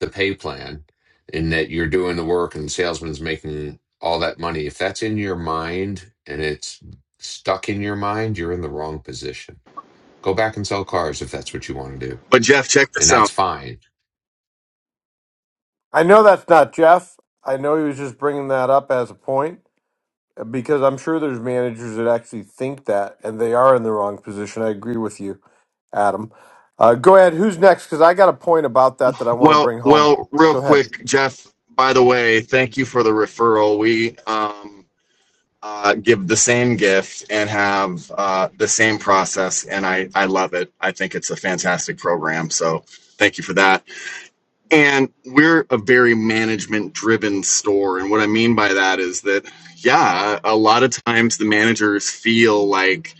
H: the pay plan in that you're doing the work and the salesman's making all that money. If that's in your mind and it's stuck in your mind, you're in the wrong position. Go back and sell cars if that's what you want to do.
D: but Jeff check
H: And
D: this out
H: that's fine.
A: know that's not jeff i know he was just bringing that up as a point Because I'm sure there's managers that actually think that, and they are in the wrong position. I agree with you, Adam. Uh, go ahead. Who's next? Because I got a point about that that I want to
D: Well,
A: bring home.
D: well, real
A: Go ahead.
D: quick, Jeff. By the way, thank you for the referral. We um, uh, give the same gift and have uh, the same process, and I I love it. I think it's a fantastic program. So thank you for that. And we're a very management driven store, and what I mean by that is that yeah, a lot of times the managers feel like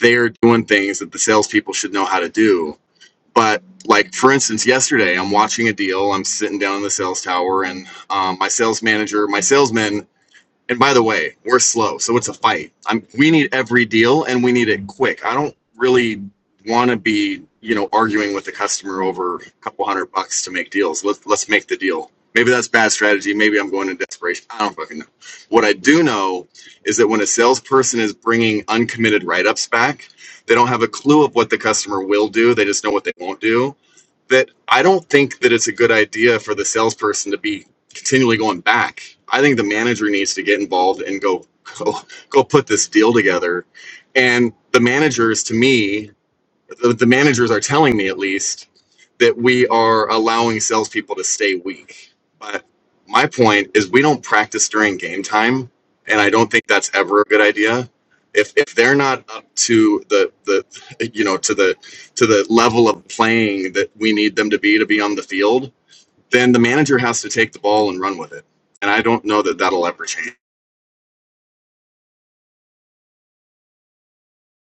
D: they're doing things that the salespeople should know how to do but like for instance yesterday i'm watching a deal i'm sitting down in the sales tower and um, my sales manager my salesman and by the way, we're slow, so it's a fight. I'm, we need every deal, and we need it quick. I don't really want to be, you know, arguing with the customer over a couple hundred bucks to make deals. Let's let's make the deal. Maybe that's bad strategy. Maybe I'm going in desperation. I don't fucking know. What I do know is that when a salesperson is bringing uncommitted write-ups back, they don't have a clue of what the customer will do. They just know what they won't do that I don't think that it's a good idea for the salesperson to be continually going back. I think the manager needs to get involved and go go go put this deal together. And the managers, to me, the, the managers are telling me at least that we are allowing salespeople to stay weak. But my point is, we don't practice during game time, and I don't think that's ever a good idea. If, if they're not up to the, the you know to the to the level of playing that we need them to be to be on the field, then the manager has to take the ball and run with it. And I don't know that that'll ever change.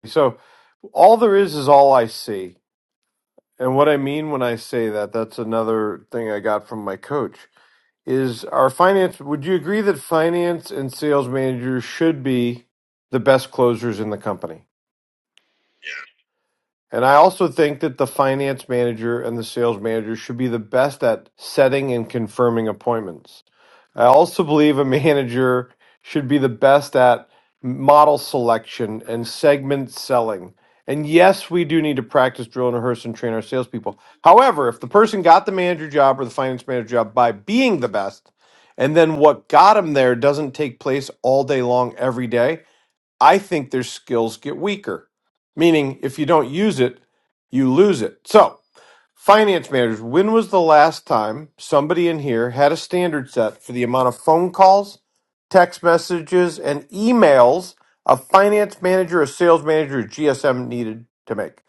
A: So all there is is all I see, and what I mean when I say that, that's another thing I got from my coach. Is our finance? Would you agree that finance and sales managers should be the best closers in the company? And I also think that the finance manager and the sales manager should be the best at setting and confirming appointments. I also believe a manager should be the best at model selection and segment selling. And yes, we do need to practice, drill, and rehearse and train our salespeople. However, if the person got the manager job or the finance manager job by being the best, and then what got them there doesn't take place all day long every day, I think their skills get weaker, meaning if you don't use it, you lose it. So, finance managers, when was the last time somebody in here had a standard set for the amount of phone calls, text messages, and emails a finance manager, a sales manager, a GSM needed to make?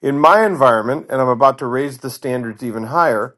A: In my environment, and I'm about to raise the standards even higher,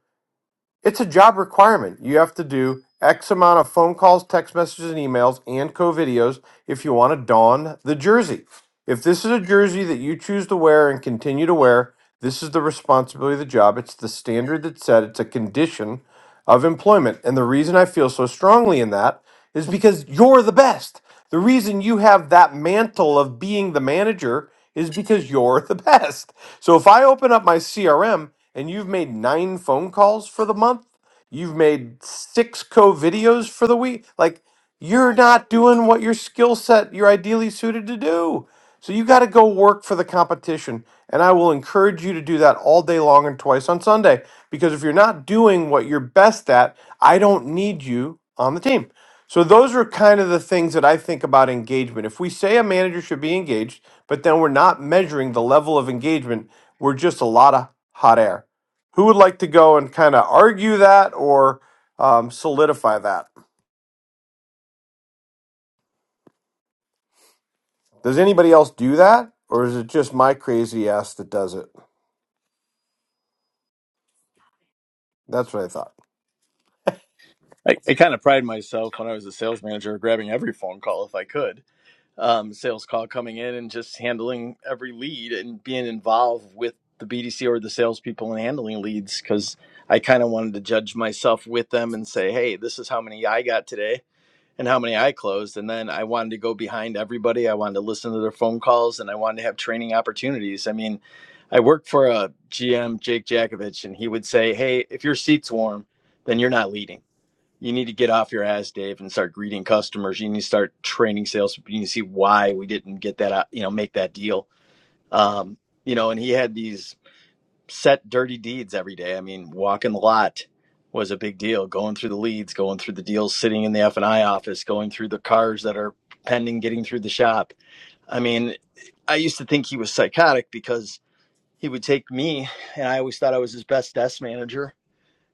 A: it's a job requirement. You have to do X amount of phone calls, text messages, and emails, and co videos if you want to don the jersey. If this is a jersey that you choose to wear and continue to wear, this is the responsibility of the job. It's the standard that's set, it's a condition of employment. And the reason I feel so strongly in that is because you're the best. The reason you have that mantle of being the manager is because you're the best. So if I open up my CRM and you've made nine phone calls for the month, you've made six co videos for the week, like you're not doing what your skill set you're ideally suited to do. So you got to go work for the competition. And I will encourage you to do that all day long and twice on Sunday. Because if you're not doing what you're best at, I don't need you on the team. So those are kind of the things that I think about engagement. If we say a manager should be engaged, but then we're not measuring the level of engagement, we're just a lot of hot air. Who would like to go and kind of argue that or um, solidify that? Does anybody else do that? Or is it just my crazy ass that does it? That's what I thought.
K: I, I kind of pride myself when I was a sales manager grabbing every phone call if I could, um, sales call coming in and just handling every lead and being involved with the BDC or the salespeople and handling leads because I kind of wanted to judge myself with them and say, hey, this is how many I got today and how many I closed. And then I wanted to go behind everybody. I wanted to listen to their phone calls and I wanted to have training opportunities. I mean, I worked for a GM, Jake Jakovich, and he would say, hey, if your seat's warm, then you're not leading you need to get off your ass, Dave, and start greeting customers. You need to start training sales. You need to see why we didn't get that, out- you know, make that deal. Um, you know, and he had these set dirty deeds every day. I mean, walking the lot was a big deal. Going through the leads, going through the deals, sitting in the F and I office, going through the cars that are pending, getting through the shop. I mean, I used to think he was psychotic because he would take me, and I always thought I was his best desk manager,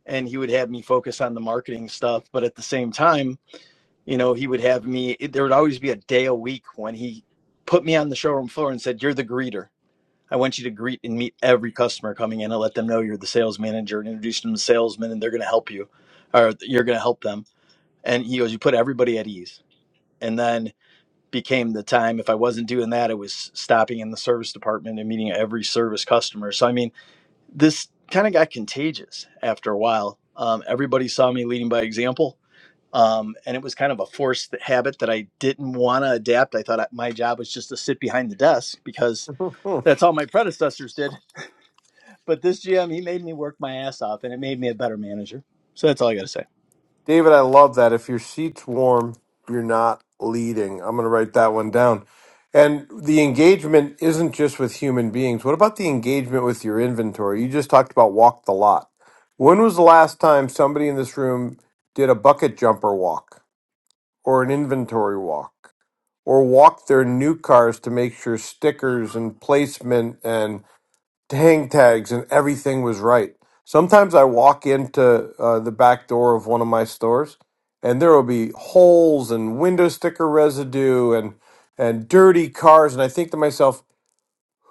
K: and he would have me focus on the marketing stuff. But at the same time you know, he would have me, there would always be a day a week when he put me on the showroom floor and said, You're the greeter. I want you to greet and meet every customer coming in and let them know you're the sales manager and introduce them to salesmen and they're going to help you or you're going to help them. And he goes, You put everybody at ease. And then became the time if I wasn't doing that, it was stopping in the service department and meeting every service customer. So, I mean, this kind of got contagious after a while. Um, everybody saw me leading by example um, and it was kind of a forced habit that I didn't want to adapt. I thought my job was just to sit behind the desk because
A: *laughs*
K: that's all my predecessors did. But this GM, he made me work my ass off and it made me a better manager. So that's all I got to say.
A: David, I love that. If your seat's warm, you're not leading. I'm going to write that one down. And the engagement isn't just with human beings. What about the engagement with your inventory? You just talked about walk the lot. When was the last time somebody in this room did a bucket jumper walk or an inventory walk or walked their new cars to make sure stickers and placement and hang tags and everything was right. Sometimes I walk into uh, the back door of one of my stores and there will be holes and window sticker residue and and dirty cars and I think to myself,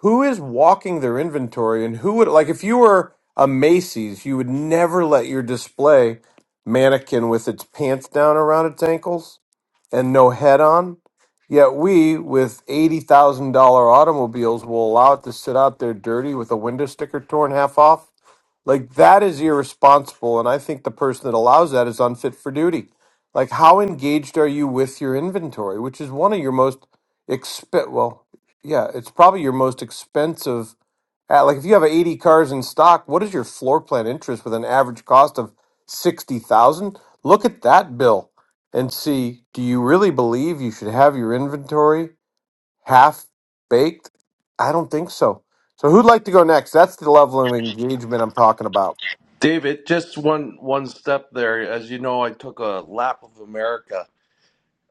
A: who is walking their inventory and who would like if you were a Macy's, you would never let your display mannequin with its pants down around its ankles and no head on. Yet we, with $80,000 automobiles, will allow it to sit out there dirty with a window sticker torn half off. Like, that is irresponsible. And I think the person that allows that is unfit for duty. Like, how engaged are you with your inventory, which is one of your most exp well, yeah, it's probably your most expensive uh, like if you have 80 cars in stock, what is your floor plan interest with an average cost of 60,000? Look at that bill and see, do you really believe you should have your inventory half baked? I don't think so. So who'd like to go next? That's the level of engagement I'm talking about.
F: David, just one one step there. As you know, I took a lap of America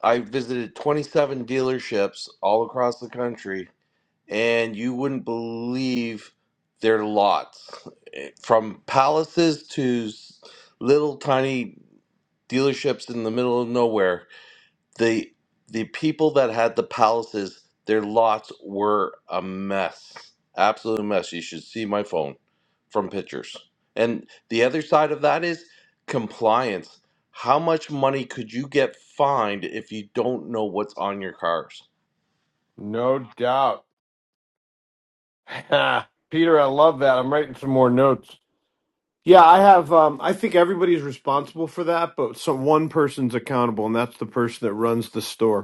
F: I visited 27 dealerships all across the country, and you wouldn't believe their lots from palaces to s- little tiny dealerships in the middle of nowhere the the people that had the palaces, their lots were a mess, absolute mess. You should see my phone from pictures. And the other side of that is compliance. How much money could you get fined if you don't know what's on your cars?
A: No doubt. *laughs* Peter, I love that. I'm writing some more notes. Yeah, I have um I think everybody's responsible for that, but some one person's accountable and that's the person that runs the store.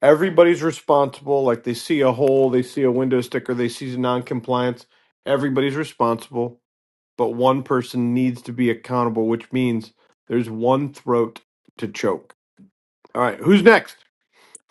A: Everybody's responsible. Like they see a hole, they see a window sticker, they see non-compliance. Everybody's responsible, but one person needs to be accountable, which means there's one throat to choke. All right, who's next?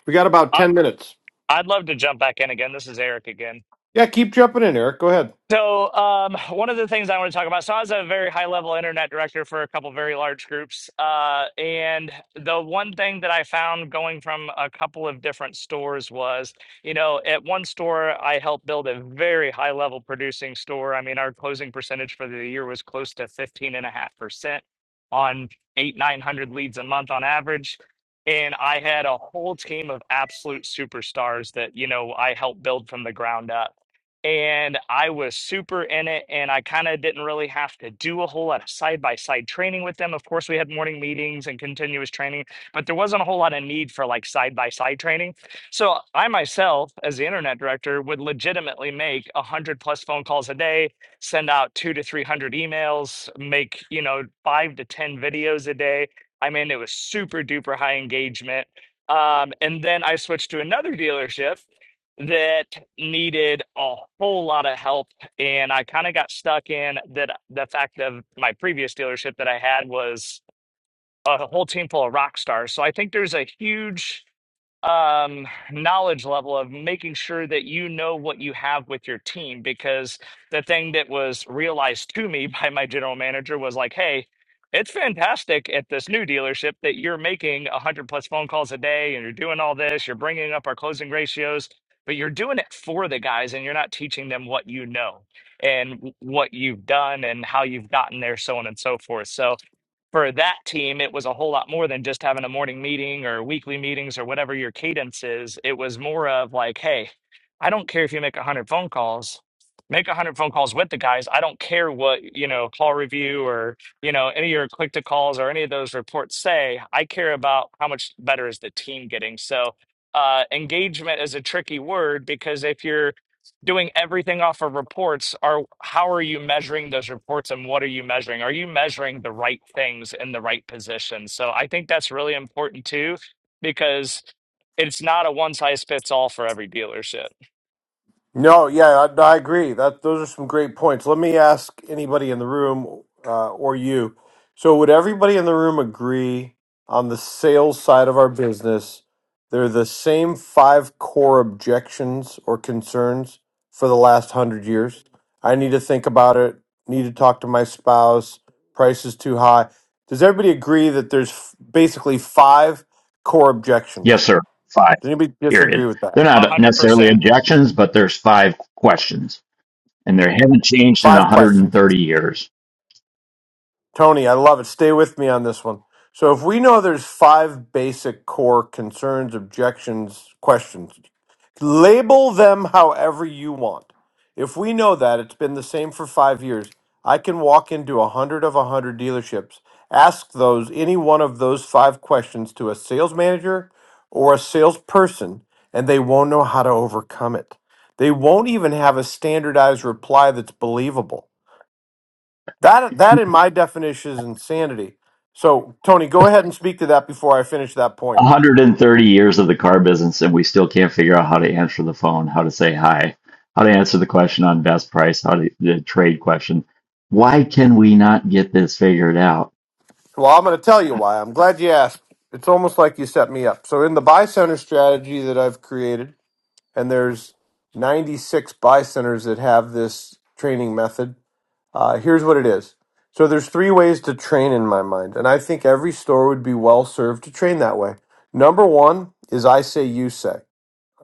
A: We got about
L: I,
A: 10 minutes.
L: I'd love to jump back in again. This is Eric again.
A: Yeah, keep jumping in, Eric. Go ahead.
L: So, um, one of the things I want to talk about. So, I was a very high level internet director for a couple very large groups. Uh, and the one thing that I found going from a couple of different stores was, you know, at one store, I helped build a very high level producing store. I mean, our closing percentage for the year was close to 15.5% on eight, 900 leads a month on average. And I had a whole team of absolute superstars that, you know, I helped build from the ground up and I was super in it. And I kind of didn't really have to do a whole lot of side by side training with them. Of course, we had morning meetings and continuous training, but there wasn't a whole lot of need for like side by side training. So I myself, as the internet director, would legitimately make a hundred plus phone calls a day, send out two to three hundred emails, make you know five to ten videos a day. I mean, it was super duper high engagement. Um, and then I switched to another dealership that needed a whole lot of help and I kind of got stuck in that the fact of my previous dealership that I had was a whole team full of rock stars. So I think there's a huge um knowledge level of making sure that you know what you have with your team because the thing that was realized to me *laughs* by my general manager was like hey it's fantastic at this new dealership that you're making 100 plus phone calls a day and you're doing all this you're bringing up our closing ratios but you're doing it for the guys and you're not teaching them what you know and w- what you've done and how you've gotten there so on and so forth so for that team, it was a whole lot more than just having a morning meeting or weekly meetings or whatever your cadence is. It was more of like, hey, I don't care if you make 100 phone calls, make 100 phone calls with the guys. I don't care what, you know, call review or, you know, any of your click to calls or any of those reports say. I care about how much better is the team getting. So, uh, engagement is a tricky word because if you're doing everything off of reports are how are you measuring those reports and what are you measuring are you measuring the right things in the right position so i think that's really important too because it's not a one size fits all for every dealership
A: No, yeah, I, no, I agree. That those are some great points. Let me ask anybody in the room uh, or you. So, would everybody in the room agree on the sales side of our business? They're the same five core objections or concerns for the last hundred years. I need to think about it. Need to talk to my spouse. Price is too high. Does everybody agree that there's f- basically five core objections?
N: Yes, sir. Five,
A: Does anybody disagree
N: period.
A: with that?
N: They're not
L: 100%
N: necessarily objections, but there's five questions, and they haven't changed in
A: Five questions.
N: 130 years.
A: Tony, I love it. Stay with me on this one. So if we know there's five basic core concerns, objections, questions, label them however you want. If we know that it's been the same for 5 years, I can walk into a 100 of a 100 dealerships, ask those any one of those five questions to a sales manager or a salesperson and they won't know how to overcome it. They won't even have a standardized reply that's believable that that in my definition is insanity. So Tony, go ahead and speak to that before I finish that point.
N: 130 years of the car business, and we still can't figure out how to answer the phone, how to say hi, how to answer the question on best price, how to the trade question. Why can we not get this figured out?
A: Well, I'm going to tell you why. I'm glad you asked. It's almost like you set me up. So in the buy center strategy that I've created, and there's 96 buy centers that have this training method. Uh, here's what it is. So there's three ways to train in my mind, and I think every store would be well served to train that way. Number one is I say you say.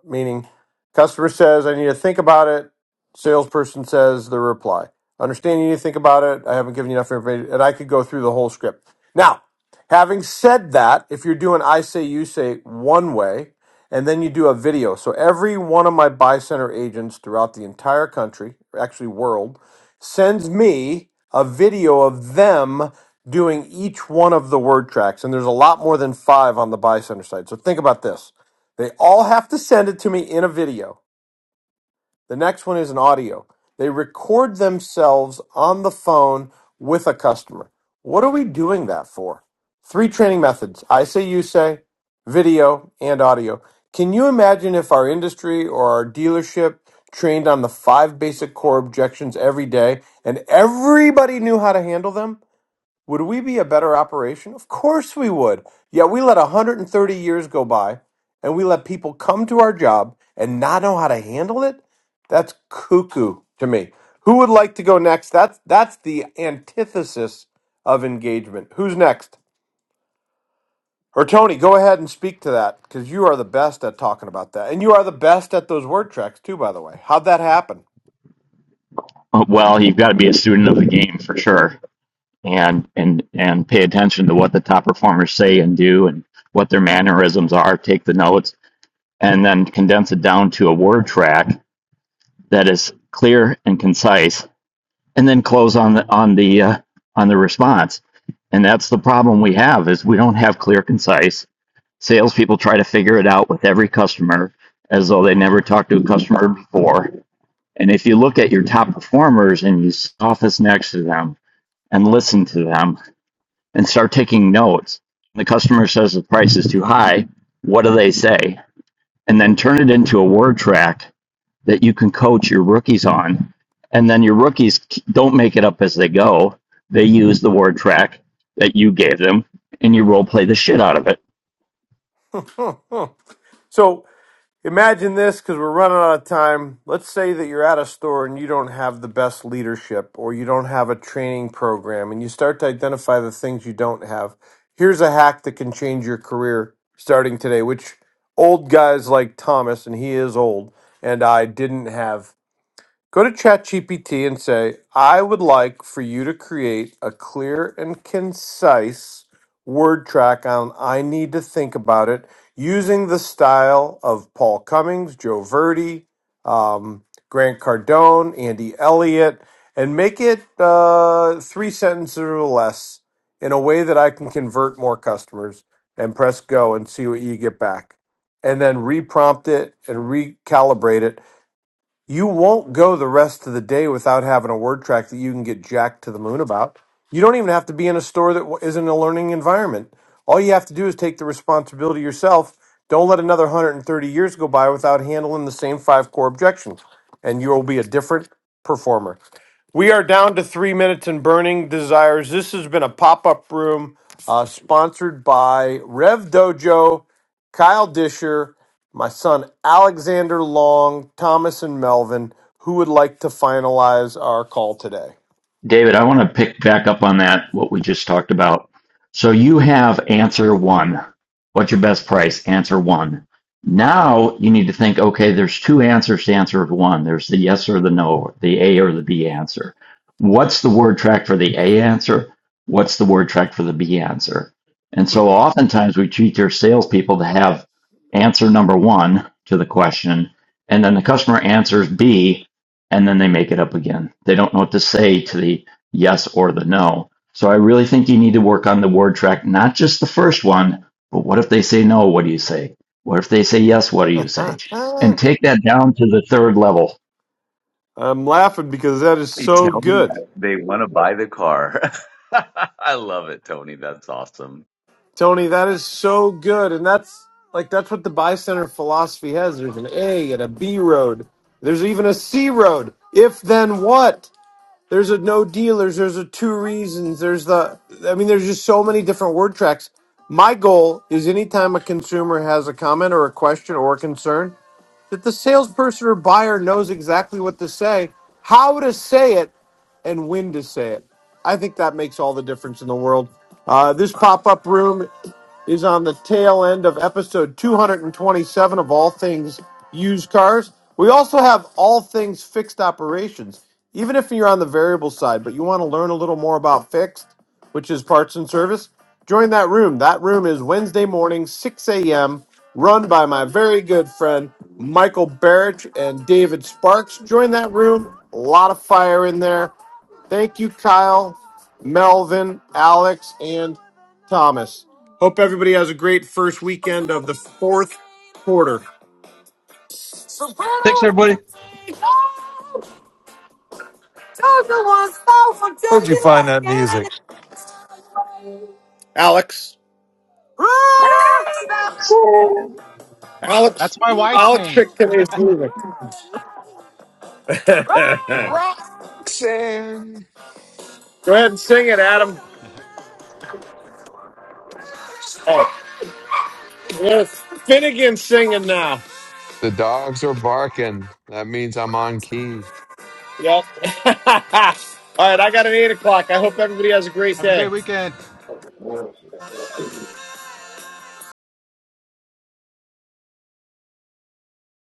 A: meaning customer says I need to think about it. Salesperson says the reply. Understand you need to think about it. I haven't given you enough information, and I could go through the whole script. Now, having said that, if you're doing I say you say one way, and then you do a video. So every one of my buy center agents throughout the entire country, actually world, sends me a video of them doing each one of the word tracks. And there's a lot more than five on the buy center side. So think about this they all have to send it to me in a video. The next one is an audio. They record themselves on the phone with a customer. What are we doing that for? Three training methods I say, you say, video, and audio. Can you imagine if our industry or our dealership trained on the five basic core objections every day and everybody knew how to handle them? Would we be a better operation? Of course we would. Yet we let 130 years go by and we let people come to our job and not know how to handle it? That's cuckoo to me. Who would like to go next? That's that's the antithesis of engagement. Who's next? Or Tony, go ahead and speak to that because you are the best at talking about that. And you are the best at those word tracks too, by the way. How'd that happen?
N: Well, you've got to be a student of the game for sure. and and and pay attention to what the top performers say and do and what their mannerisms are take the notes and then condense it down to a word track that is clear and concise and then close on the on the uh, on the response and that's the problem we have is we don't have clear concise salespeople try to figure it out with every customer as though they never talked to a customer before and if you look at your top performers and you office next to them and listen to them and start taking notes. The customer says the price is too high. What do they say? And then turn it into a word track that you can coach your rookies on. And then your rookies don't make it up as they go. They use the word track that you gave them and you role play the shit out of it.
A: Hmm, hmm. So Imagine this because we're running out of time. Let's say that you're at a store and you don't have the best leadership or you don't have a training program and you start to identify the things you don't have. Here's a hack that can change your career starting today, which old guys like Thomas, and he is old, and I didn't have. Go to ChatGPT and say, I would like for you to create a clear and concise word track on I need to think about it using the style of Paul Cummings, Joe Verdi, um, Grant Cardone, Andy Elliott, and make it uh, three sentences or less in a way that I can convert more customers and press go and see what you get back. And then reprompt it and recalibrate it you won't go the rest of the day without having a word track that you can get jacked to the moon about. You don't even have to be in a store that not a learning environment. All you have to do is take the responsibility yourself. Don't let another 130 years go by without handling the same five core objections, and you will be a different performer. We are down to three minutes and burning desires. This has been a pop up room uh, sponsored by Rev Dojo, Kyle Disher. My son Alexander Long, Thomas, and Melvin, who would like to finalize our call today?
N: David, I want to pick back up on that, what we just talked about. So you have answer one. What's your best price? Answer one. Now you need to think, okay, there's two answers to answer one. There's the yes or the no, the A or the B answer. What's the word track for the A answer? What's the word track for the B answer? And so oftentimes we teach our salespeople to have answer number one to the question, and then the customer answers B, and then they make it up again. They don't know what to say to the yes or the no. So I really think you need to work on the word track, not just the first one, but what if they say no? What do you say? What if they say yes? What do you say? And
A: *laughs*
N: take that down to the third level.
A: I'm laughing because that is
M: They
A: so
M: tell me
A: good.
M: that they want to buy the car. *laughs* I love it, Tony. That's awesome.
A: Tony, that is so good. And that's like that's what the buy center philosophy has. There's an A and a B road. There's even a C road. If then what? There's a no dealers. There's a two reasons. There's the. I mean, there's just so many different word tracks. My goal is anytime a consumer has a comment or a question or a concern, that the salesperson or buyer knows exactly what to say, how to say it, and when to say it. I think that makes all the difference in the world. Uh, this pop up room is on the tail end of episode 227 of All Things Used Cars. We also have All Things Fixed Operations. Even if you're on the variable side, but you want to learn a little more about fixed, which is parts and service. Join that room. That room is Wednesday morning, 6 a.m., run by my very good friend Michael Barrich and David Sparks. Join that room. A lot of fire in there. Thank you, Kyle, Melvin, Alex, and Thomas. Hope everybody has a great first weekend of the fourth quarter.
B: Thanks, everybody.
C: Where'd you find that music?
A: Alex.
I: *laughs*
A: Alex,
I: That's my wife's
A: Alex
I: name.
A: Chicken is music.
H: Sam.
A: Go ahead and sing it, Adam. Oh, yes. Finnegan singing now.
H: The dogs are barking. That means I'm on key.
A: Yep. *laughs* All right, I got an eight o'clock. I hope everybody has a great
I: Have a good
A: day.
I: weekend.